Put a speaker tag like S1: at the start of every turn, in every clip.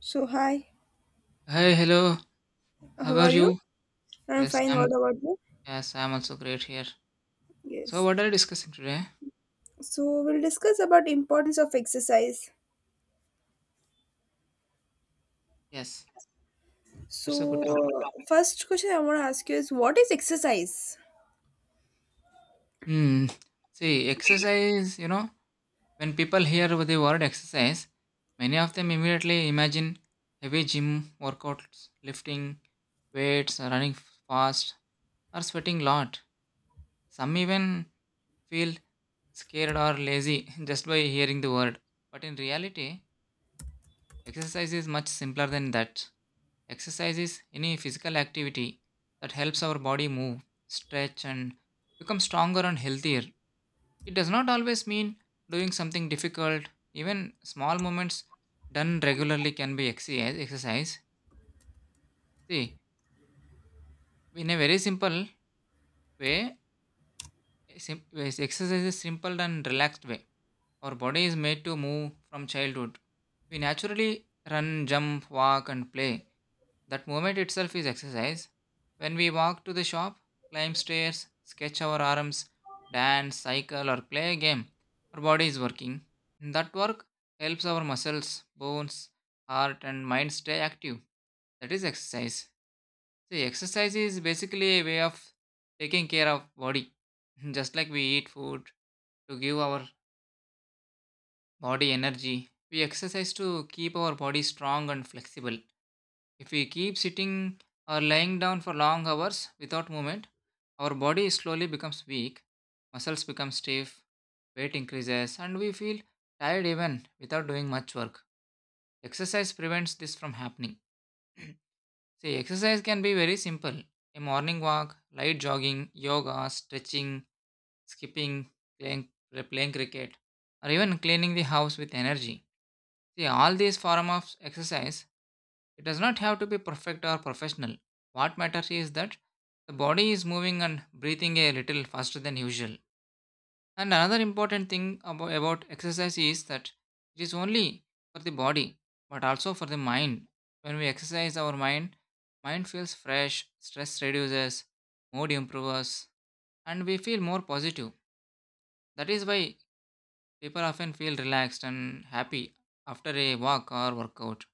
S1: So hi,
S2: Hi, hello. How
S1: how
S2: are
S1: are you?
S2: you?
S1: I'm
S2: Yes,
S1: fine.
S2: I'm
S1: What about you?
S2: yes, I'm also great here. So
S1: Yes.
S2: what are you discussing today?
S1: So we'll discuss about importance of exercise.
S2: Yes, that's a
S1: So
S2: good topic.
S1: first question I want to ask you is what is exercise?
S2: Hmm. See, exercise, when people hear the word exercise, many of them immediately imagine heavy gym workouts, lifting weights, running fast, or sweating a lot. Some even feel scared or lazy just by hearing the word. But in reality, exercise is much simpler than that. Exercise is any physical activity that helps our body move, stretch, and become stronger and healthier. It does not always mean doing something difficult. Even small movements done regularly can be exercise. See, in a very simple way, sim- is exercise is simple and relaxed way. Our body is made to move from childhood. We naturally run, jump, walk, and play. That movement itself is exercise. When we walk to the shop, climb stairs, sketch our arms, dance, cycle, or play a game, our body is working. That work helps our muscles, bones, heart, and mind stay active. That is exercise. See, exercise is basically a way of taking care of body. Just like we eat food to give our body energy, we exercise to keep our body strong and flexible. If we keep sitting or lying down for long hours without movement, our body slowly becomes weak, muscles become stiff, weight increases, and we feel tired even without doing much work. Exercise prevents this from happening. See, exercise can be very simple: a morning walk, light jogging, yoga, stretching, skipping, playing, playing cricket, or even cleaning the house with energy. See, all these forms of exercise, it does not have to be perfect or professional. What matters is that the body is moving and breathing a little faster than usual. And another important thing about exercise is that it is only for the body but also for the mind. When we exercise our mind, feels fresh, stress reduces, mood improves, and we feel more positive. That is why people often feel relaxed and happy after a walk or workout.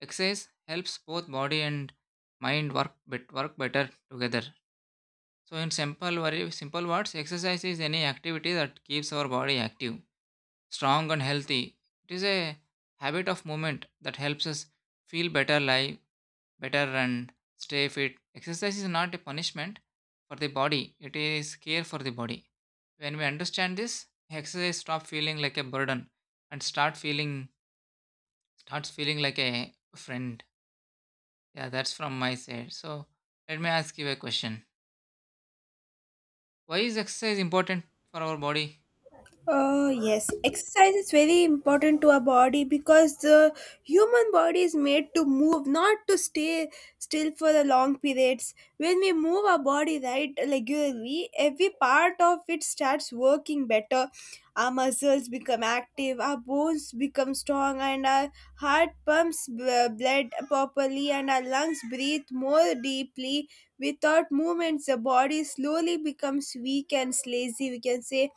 S2: Exercise helps both body and mind work better together. So in simple words, exercise is any activity that keeps our body active, strong and healthy. It is a habit of movement that helps us feel better, live better and stay fit. Exercise is not a punishment for the body, it is care for the body. When we understand this, exercise stop feeling like a burden and starts feeling like a friend. Yeah, that's from my side. So let me ask you a question. Why is exercise important for our body?
S1: Yes, exercise is very important to our body because the human body is made to move, not to stay still for the long periods. When we move our body right regularly, every part of it starts working better. Our muscles become active, our bones become strong, and our heart pumps blood properly, and our lungs breathe more deeply. Without movements, the body slowly becomes weak and lazy, we can say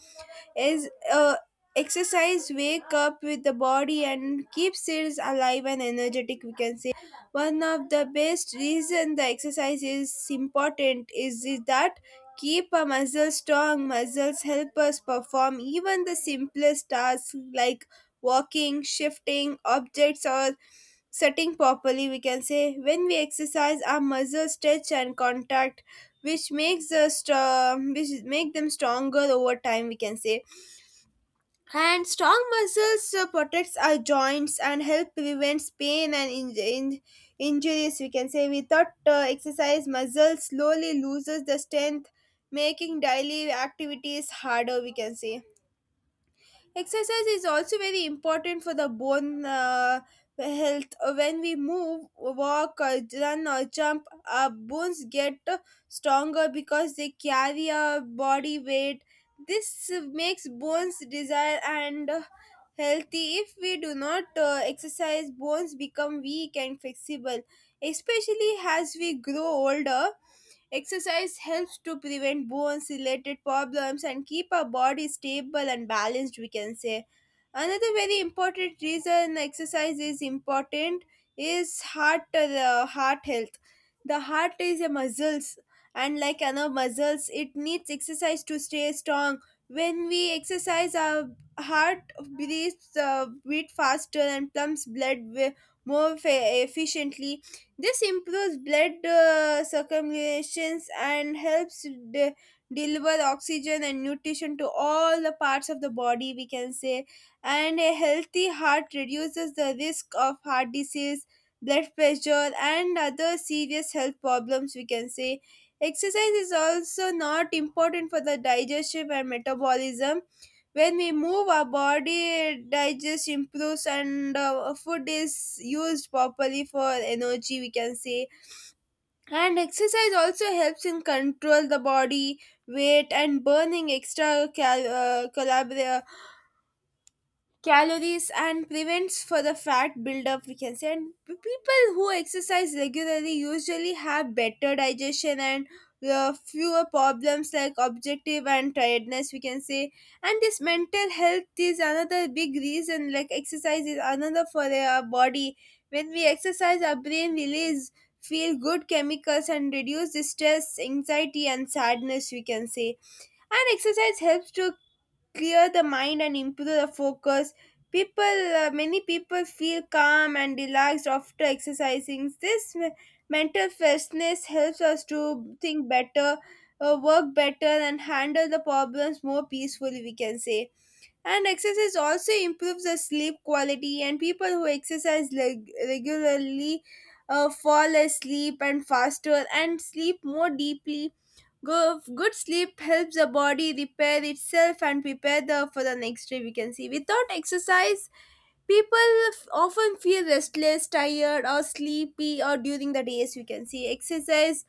S1: is exercise wake up with the body and keeps it alive and energetic. We can say one of the best reason the exercise is important is that keep a muscle strong. Muscles help us perform even the simplest tasks like walking, shifting objects, or setting properly, we can say. When we exercise our muscles stretch and contact, which make them stronger over time, we can say. And strong muscles protects our joints and help prevents pain and injuries, we can say. Without exercise muscles slowly loses the strength, making daily activities harder, we can say. Exercise is also very important for the bone health. When we move, walk, run, or jump, our bones get stronger because they carry our body weight. This makes bones desire and healthy. If we do not exercise, bones become weak and flexible, especially as we grow older. Exercise helps to prevent bones related problems and keep our body stable and balanced, we can say. Another very important reason exercise is important is heart health. The heart is a muscles, and like other muscles it needs exercise to stay strong. When we exercise our heart breathes beat faster and pumps blood efficiently. This improves blood circulations and helps deliver oxygen and nutrition to all the parts of the body, we can say. And a healthy heart reduces the risk of heart disease, blood pressure, and other serious health problems, we can say. Exercise is also not important for the digestion and metabolism. When we move our body digest improves, and food is used properly for energy, we can say. And exercise also helps in control the body weight and burning extra calories and prevents for the fat buildup, we can say. And people who exercise regularly usually have better digestion and fewer problems like objective and tiredness, we can say. And this mental health is another big reason like exercise is another for our body. When we exercise our brain release feel good chemicals and reduce the stress anxiety and sadness, we can say. And exercise helps to clear the mind and improve the focus. People uh, many people feel calm and relaxed after exercising. This mental freshness helps us to think better, work better, and handle the problems more peacefully, we can say. And exercise also improves the sleep quality, and people who exercise regularly fall asleep and faster and sleep more deeply. Good sleep helps the body repair itself and prepare the, for the next day. We can see without exercise, people often feel restless, tired, or sleepy, or during the days. We can see exercise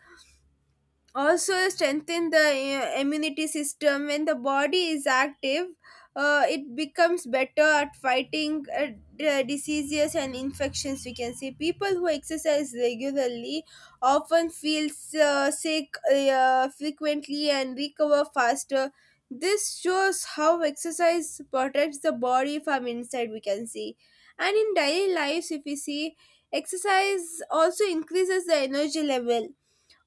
S1: also strengthen the immunity system. When the body is active, it becomes better at fighting diseases and infections, we can say. People who exercise regularly often feel sick frequently and recover faster. This shows how exercise protects the body from inside, we can see. And in daily lives if we see, exercise also increases the energy level.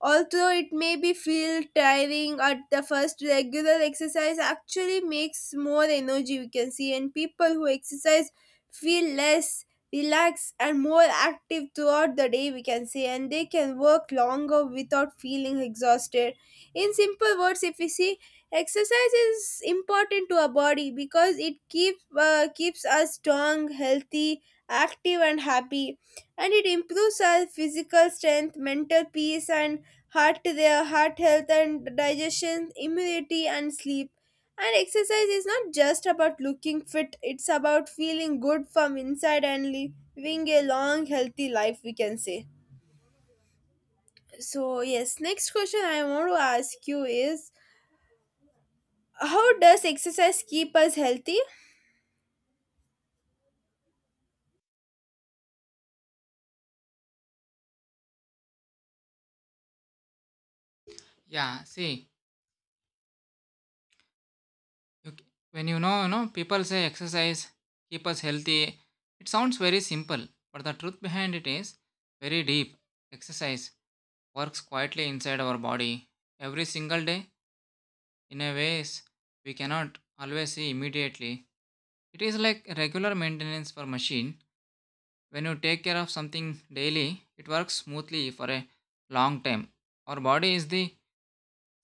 S1: Although it may be feel tiring at the first, regular exercise actually makes more energy, we can see, and people who exercise feel less relaxed and more active throughout the day, we can say, and they can work longer without feeling exhausted. In simple words if we see, exercise is important to our body because it keep keeps us strong, healthy, active, and happy, and it improves our physical strength, mental peace, and heart health, and digestion, immunity, and sleep. And exercise is not just about looking fit, it's about feeling good from inside and living a long healthy life, we can say. So yes, next question I want to ask you is how does exercise keep us healthy?
S2: Yeah, see, you, c- when people say exercise keep us healthy. It sounds very simple, but the truth behind it is very deep. Exercise works quietly inside our body every single day in a ways we cannot always see immediately. It is like regular maintenance for machine. When you take care of something daily, it works smoothly for a long time. Our body is the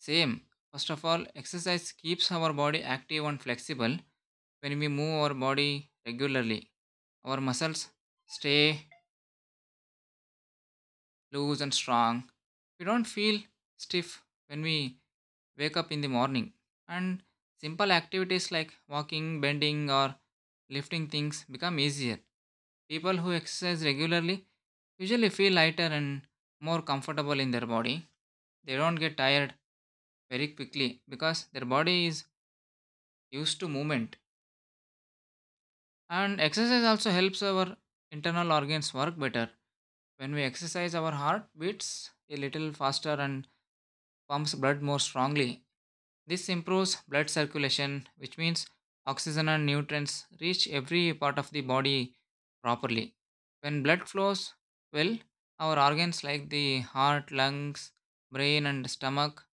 S2: same. First of all, exercise keeps our body active and flexible. When we move our body regularly, our muscles stay loose and strong. We don't feel stiff when we wake up in the morning. And simple activities like walking, bending, or lifting things become easier. People who exercise regularly usually feel lighter and more comfortable in their body. They don't get tired very quickly because their body is used to movement. And exercise also helps our internal organs work better. When we exercise, our heart beats a little faster and pumps blood more strongly. This improves blood circulation, which means oxygen and nutrients reach every part of the body properly. When blood flows well, our organs like the heart, lungs, brain, and stomach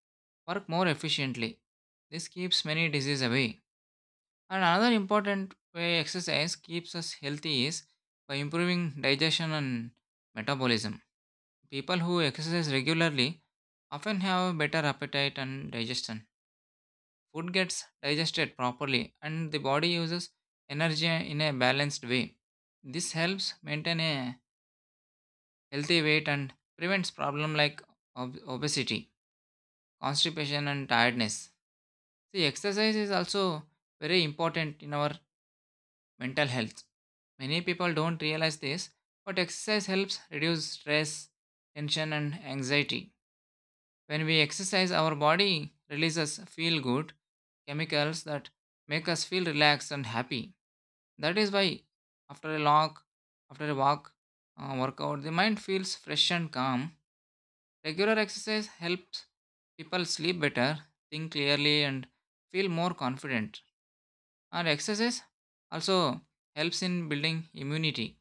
S2: work more efficiently. This keeps many diseases away. And another important way exercise keeps us healthy is by improving digestion and metabolism. People who exercise regularly often have better appetite and digestion. Food gets digested properly and the body uses energy in a balanced way. This helps maintain a healthy weight and prevents problems like obesity, constipation, and tiredness. See, exercise is also very important in our mental health. Many people don't realize this, but exercise helps reduce stress, tension, and anxiety. When we exercise, our body releases feel good chemicals that make us feel relaxed and happy. That is why after a long after a walk workout, the mind feels fresh and calm. Regular exercise helps people sleep better, think clearly, and feel more confident. And exercise also helps in building immunity.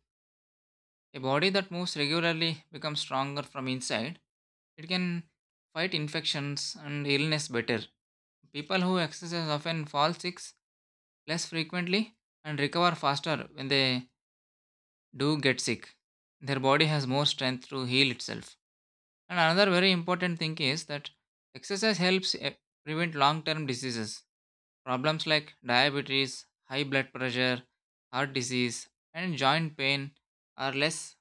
S2: A body that moves regularly becomes stronger from inside. It can fight infections and illness better. People who exercise often fall sick less frequently and recover faster when they do get sick. Their body has more strength to heal itself. And another very important thing is that exercise helps prevent long term diseases. Problems like diabetes, high blood pressure, heart disease, and joint pain are less.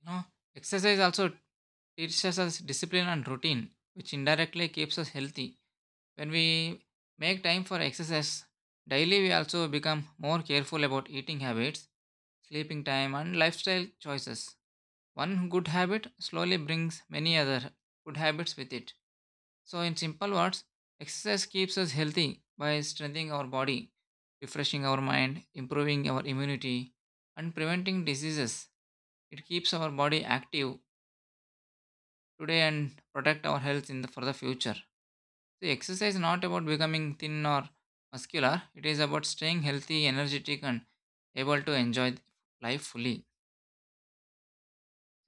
S2: You know, exercise also teaches us discipline and routine, which indirectly keeps us healthy. When we make time for exercise daily, we also become more careful about eating habits, sleeping time, and lifestyle choices. One good habit slowly brings many other good habits with it. So, in simple words, exercise keeps us healthy by strengthening our body, refreshing our mind, improving our immunity, and preventing diseases. It keeps our body active today and protect our health in the, for the future. See, exercise is not about becoming thin or muscular. It is about staying healthy, energetic, and able to enjoy life fully.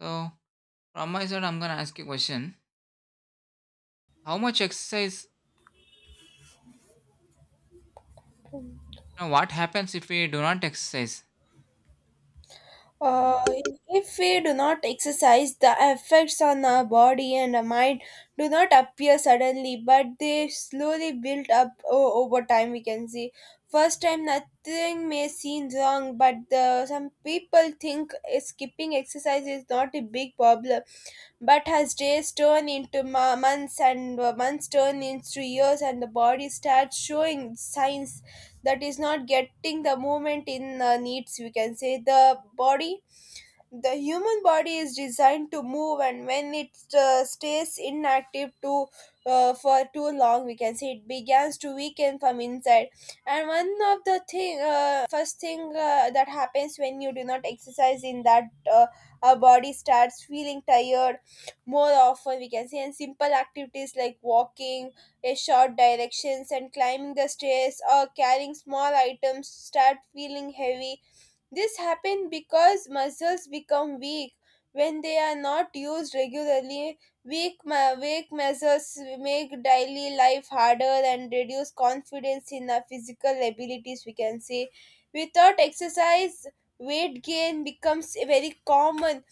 S2: So, from my side, I'm gonna ask you a question: How much exercise? Now, what happens if we do not exercise?
S1: Uh, if we do not exercise, the effects on our body and our mind do not appear suddenly, but they slowly build up over time. We can see first time nothing may seem wrong, but the, some people think skipping exercise is not a big problem. But as days turn into months and months turn into years, and the body starts showing signs that is not getting the movement in needs. We can say the human body is designed to move, and when it stays inactive too for too long, we can say, it begins to weaken from inside. And one of the thing first thing that happens when you do not exercise in that, uh, our body starts feeling tired more often, we can say. And simple activities like walking a short directions and climbing the stairs or carrying small items start feeling heavy. This happens because muscles become weak when they are not used regularly. Weak muscles make daily life harder and reduce confidence in our physical abilities, we can say. Without exercise, weight gain becomes very common.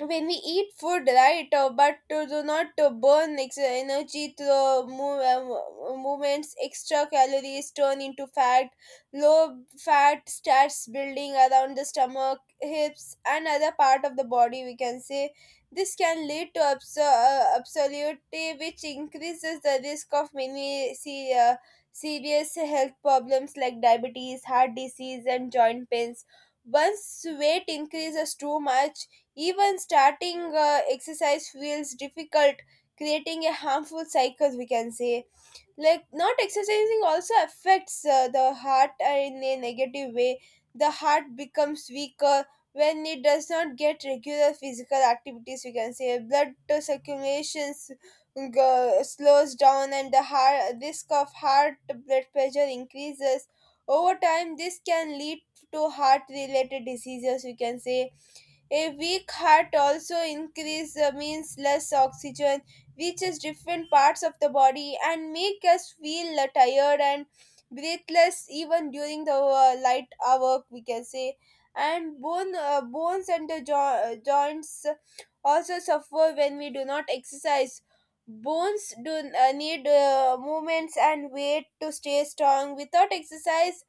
S1: When we eat food right but to do not to burn energy through the movements, extra calories turn into fat. Low fat starts building around the stomach, hips, and other part of the body, we can say. This can lead to absolutely, which increases the risk of many, serious health problems like diabetes, heart disease, and joint pains. Once weight increases too much, even starting exercise feels difficult, creating a harmful cycle, we can say. Like, not exercising also affects the heart in a negative way. The heart becomes weaker when it does not get regular physical activities, we can say. Blood circulation slows down, and the heart, risk of heart blood pressure increases. Over time, this can lead to heart related diseases, we can say. A weak heart also increase means less oxygen reaches different parts of the body and make us feel tired and breathless even during the light hour, we can say. And bones and the joints also suffer when we do not exercise. Bones do need movements and weight to stay strong. Without exercise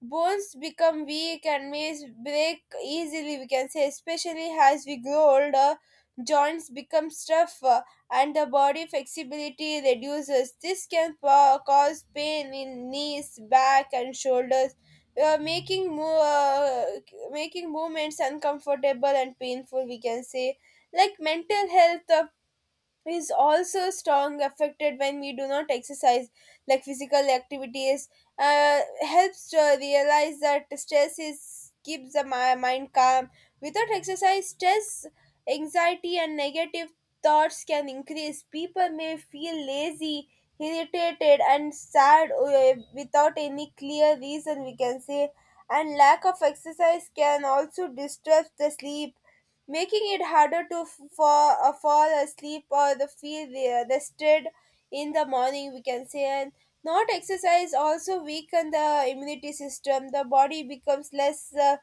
S1: bones become weak and may break easily, we can say, especially as we grow older. Joints become tough, and the body flexibility reduces. This can cause pain in knees, back, and shoulders, making making movements uncomfortable and painful, we can say. Like mental health is also strong affected when we do not exercise. Like physical activities uh, helps to realize that stress is keeps the mind calm. Without exercise stress, anxiety, and negative thoughts can increase. People may feel lazy, irritated, and sad without any clear reason, we can say. And lack of exercise can also disturb the sleep, making it harder to fall asleep or the feel rested in the morning, we can say. And not exercise also weaken the immunity system. The body becomes less uh,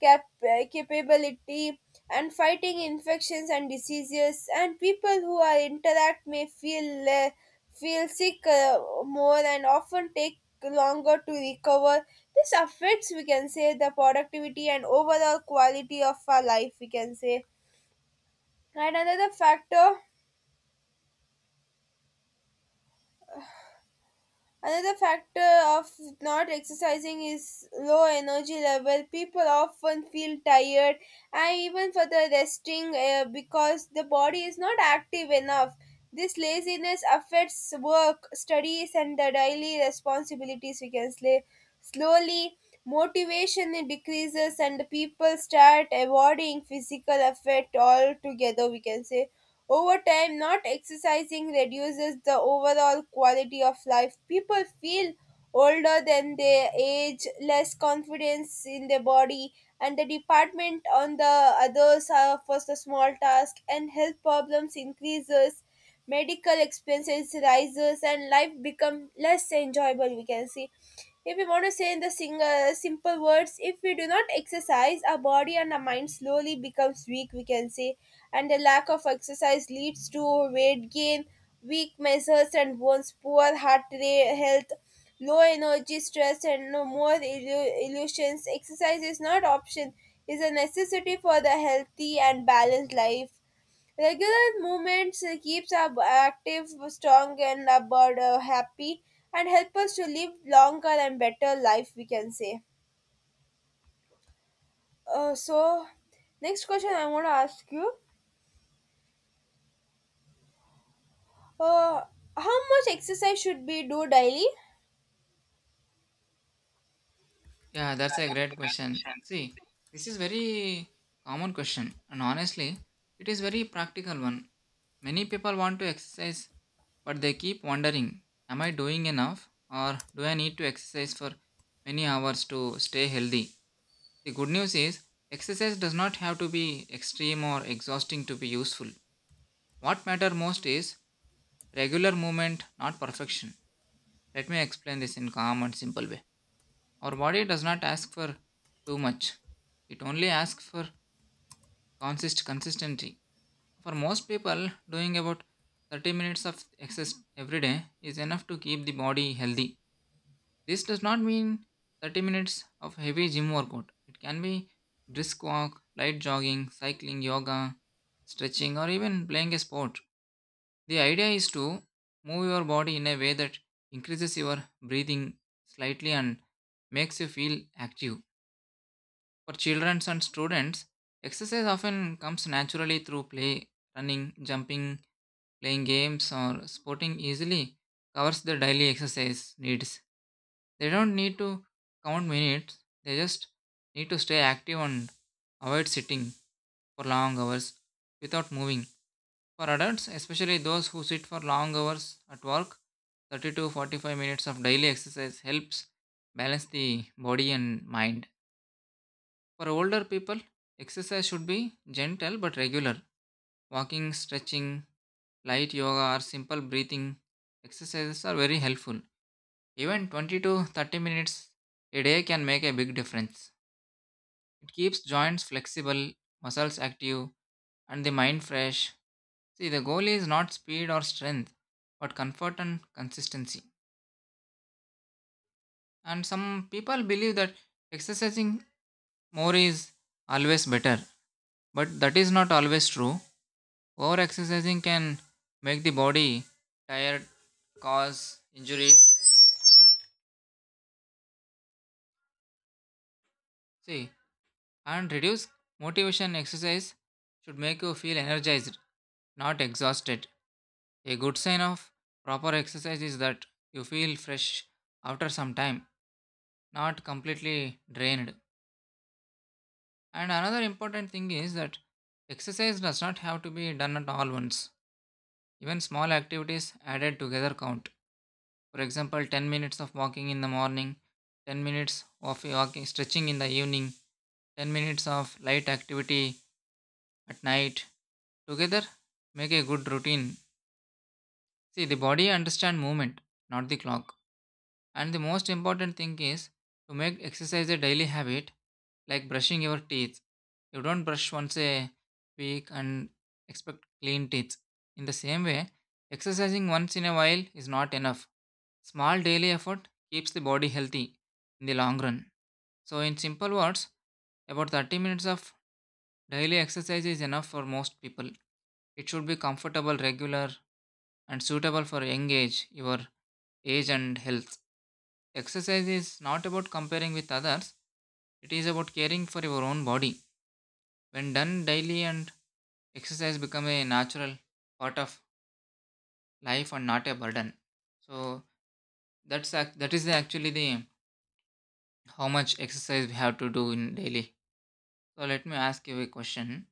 S1: cap- uh, capability and fighting infections and diseases, and people who are interact may feel feel sick more and often take longer to recover. This affects we can say the productivity and overall quality of our life, we can say. And another factor Another factor of not exercising is low energy level. People often feel tired and even for the resting because the body is not active enough. This laziness affects work, studies, and the daily responsibilities, we can say. Slowly motivation decreases and people start avoiding physical effort altogether, we can say. Over time, not exercising reduces the overall quality of life. People feel older than their age, less confidence in their body, and the department on the others suffers the small task, and health problems increases, medical expenses rises, and life become less enjoyable, we can see. If we want to say in the single simple words, if we do not exercise our body and our mind slowly becomes weak, we can say. And a lack of exercise leads to weight gain, weak muscles and bones, poor heart rate health, low energy, stress, and no more illusions. Exercise is not option; is a necessity for the healthy and balanced life. Regular movements keeps our active, strong, and our body happy, and help us to live longer and better life, we can say. Uh, so, next question I want to ask you. Uh, how much exercise should we do daily?
S2: Yeah, that's a great question. See, this is very common question, and honestly, it is very practical one. Many people want to exercise, but they keep wondering: Am I doing enough, or do I need to exercise for many hours to stay healthy? The good news is, exercise does not have to be extreme or exhausting to be useful. What matters most is regular movement, not perfection. Let me explain this in calm and simple way. Our body does not ask for too much. It only asks for consistency. For most people, doing about 30 minutes of exercise every day is enough to keep the body healthy. This does not mean 30 minutes of heavy gym workout. It can be brisk walk, light jogging, cycling, yoga, stretching, or even playing a sport. The idea is to move your body in a way that increases your breathing slightly and makes you feel active. For children and students, exercise often comes naturally through play, running, jumping, playing games, or sporting easily covers the daily exercise needs. They don't need to count minutes, they just need to stay active and avoid sitting for long hours without moving. For adults, especially those who sit for long hours at work, 30 to 45 minutes of daily exercise helps balance the body and mind. For older people, exercise should be gentle but regular. Walking, stretching, light yoga, or simple breathing exercises are very helpful. Even 20 to 30 minutes a day can make a big difference. It keeps joints flexible, muscles active, and the mind fresh. See, the goal is not speed or strength, but comfort and consistency. And some people believe that exercising more is always better, but that is not always true. Over exercising can make the body tired, cause injuries. See, and reduce motivation. Exercise should make you feel energized, not exhausted. A good sign of proper exercise is that you feel fresh after some time, not completely drained. And another important thing is that exercise does not have to be done at all once. Even small activities added together count. For example, 10 minutes of walking in the morning, 10 minutes of walking stretching in the evening, 10 minutes of light activity at night together make a good routine. See, the body understands movement, not the clock. And the most important thing is to make exercise a daily habit, like brushing your teeth. You don't brush once a week and expect clean teeth. In the same way, exercising once in a while is not enough. Small daily effort keeps the body healthy in the long run. So in simple words, about 30 minutes of daily exercise is enough for most people. It should be comfortable, regular, and suitable for your age and health. Exercise is not about comparing with others, it is about caring for your own body. When done daily and exercise become a natural part of life and not a burden. So that's ac- that is the- actually the, how much exercise we have to do in daily. So let me ask you a question.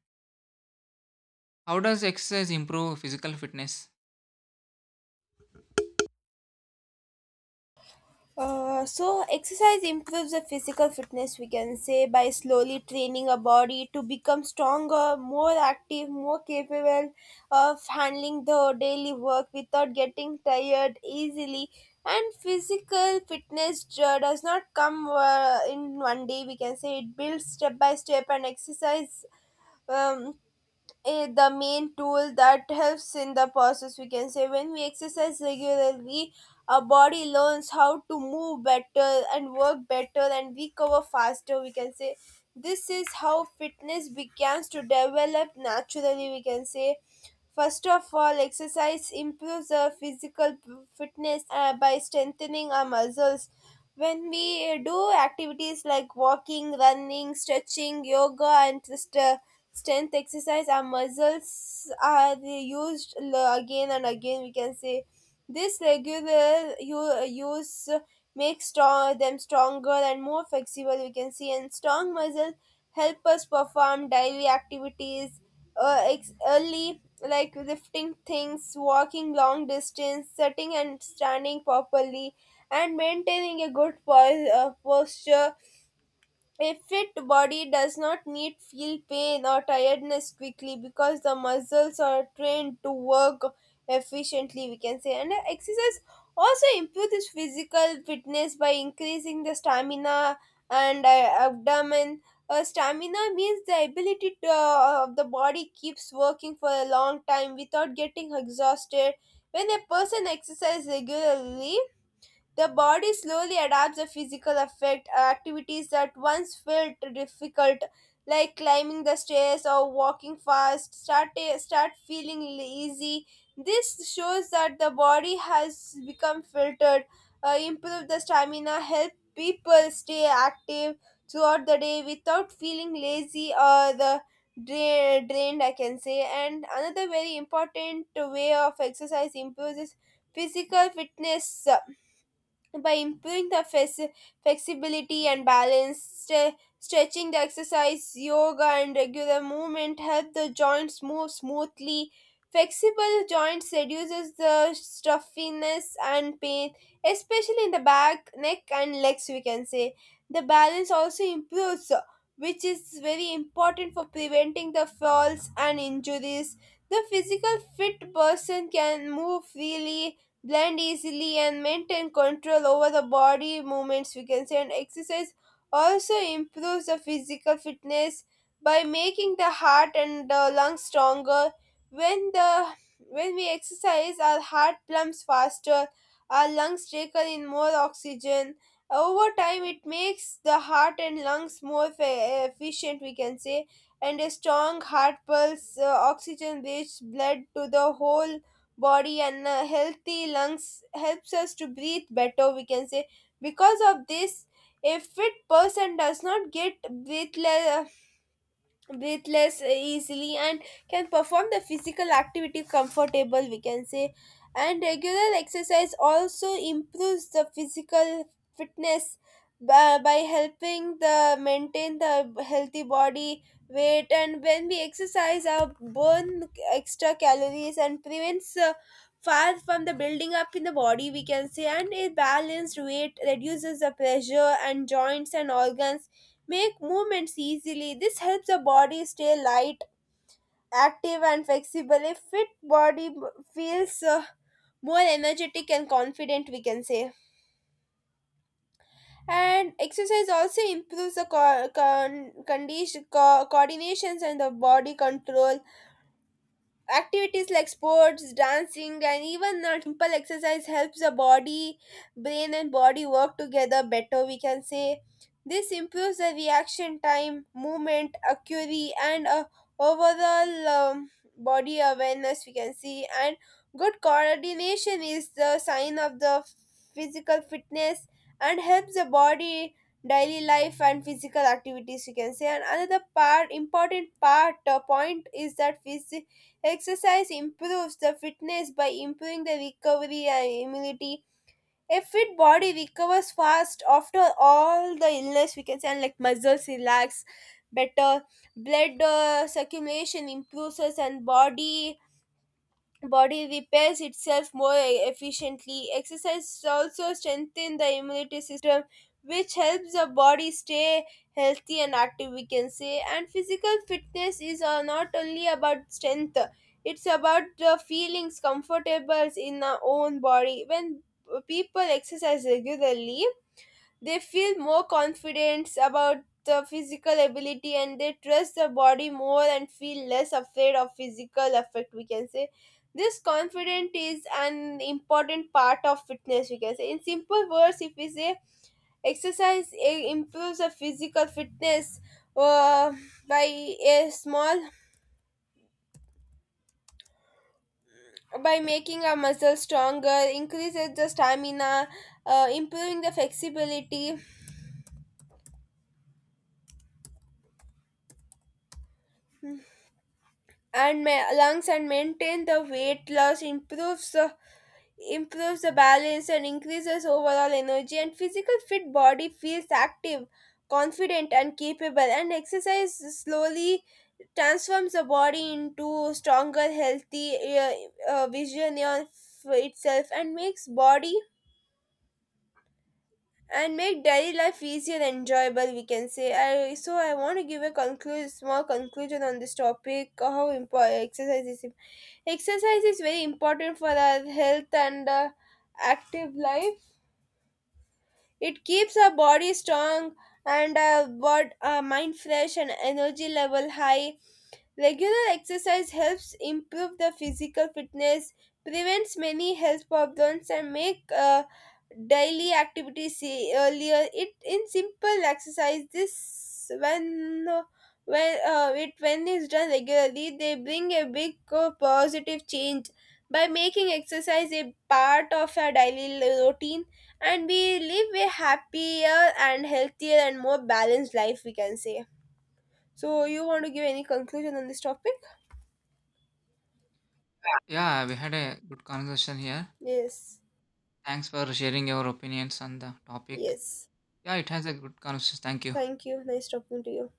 S2: How does exercise improve physical fitness?
S1: So exercise improves the physical fitness, we can say, by slowly training our body to become stronger, more active, more capable of handling the daily work without getting tired easily. And physical fitness does not come in one day, we can say. It builds step by step, and exercise um, the main tool that helps in the process, we can say. When we exercise regularly, our body learns how to move better and work better and recover faster, we can say. This is how fitness begins to develop naturally, we can say. First of all, exercise improves our fitness by strengthening our muscles. When we do activities like walking, running, stretching, yoga, and just strength exercise, our muscles are used again and again, we can say. This regular use makes them stronger and more flexible, we can see, and strong muscles help us perform daily activities ex- early, like lifting things, walking long distance, sitting and standing properly, and maintaining a good posture. A fit body does not need feel pain or tiredness quickly because the muscles are trained to work efficiently, we can say. And exercise also improves physical fitness by increasing the stamina and abdomen. Stamina means the ability of the body keeps working for a long time without getting exhausted. When a person exercises regularly, the body slowly adapts the physical effect, activities that once felt difficult, like climbing the stairs or walking fast, start feeling easy. This shows that the body has become filtered, improve the stamina, help people stay active throughout the day without feeling lazy or drained, I can say. And another very important way of exercise improves is physical fitness by improving the flexibility and balance. Stretching the exercise, yoga, and regular movement help the joints move smoothly. Flexible joints reduces the stuffiness and pain, especially in the back, neck, and legs, we can say. The balance also improves, which is very important for preventing the falls and injuries. The physical fit person can move freely, blend easily, and maintain control over the body movements, we can say. And exercise also improves the physical fitness by making the heart and the lungs stronger. When the when we exercise, our heart pumps faster, our lungs take in more oxygen. Over time, it makes the heart and lungs more efficient, we can say. And a strong heart pulse oxygen rich blood to the whole body, and a healthy lungs helps us to breathe better, we can say. Because of this, a fit person does not get breathless, breathe less easily, and can perform the physical activity comfortable, we can say. And regular exercise also improves the physical fitness by helping the maintain the healthy body weight. And when we exercise, our burn extra calories and prevents far from the building up in the body, we can say. And a balanced weight reduces the pressure and joints and organs, make movements easily. This helps the body stay light, active, and flexible. A fit body feels more energetic and confident, we can say. And exercise also improves the coordinations and the body control. Activities like sports, dancing, and even a simple exercise helps the body, brain, and body work together better, we can say. This improves the reaction time, movement, accuracy, and overall body awareness, we can see. And good coordination is the sign of the physical fitness and helps the body daily life and physical activities, you can say. And another part important part, point is that exercise improves the fitness by improving the recovery and immunity. A fit body recovers fast after all the illness, we can say, and like muscles relax better, blood circulation improves us, and body repairs itself more efficiently. Exercise also strengthens the immunity system, which helps the body stay healthy and active, we can say. And physical fitness is not only about strength, it's about the feelings comfortable in our own body. When people exercise regularly, they feel more confident about the physical ability, and they trust the body more and feel less afraid of physical effect, we can say. This confidence is an important part of fitness, we can say. In simple words, if we say exercise improves the physical fitness uh, by a small by making our muscles stronger, increases the stamina, improving the flexibility, and lungs and maintain the weight loss, improves the balance, and increases overall energy. And physical fit body feels active, confident, and capable, and exercise slowly transforms the body into stronger, healthy, vision of itself, and makes body and make daily life easy and enjoyable, we can say. I so i want to give a conclude small conclusion on this topic: how important exercise is. Exercise is very important for our health and active life. It keeps our body strong and our mind fresh and energy level high. Regular exercise helps improve the physical fitness, prevents many health problems, and make daily activities earlier. It in simple exercise, this when is done regularly, they bring a big positive change. By making exercise a part of our daily routine, and we live a happier and healthier and more balanced life, we can say. So, you want to give any conclusion on this topic?
S2: Yeah, we had a good conversation here.
S1: Yes,
S2: Thanks for sharing your opinions on the topic.
S1: yes.
S2: Yeah, it has a good conversation. Thank you.
S1: Thank you. Nice talking to you.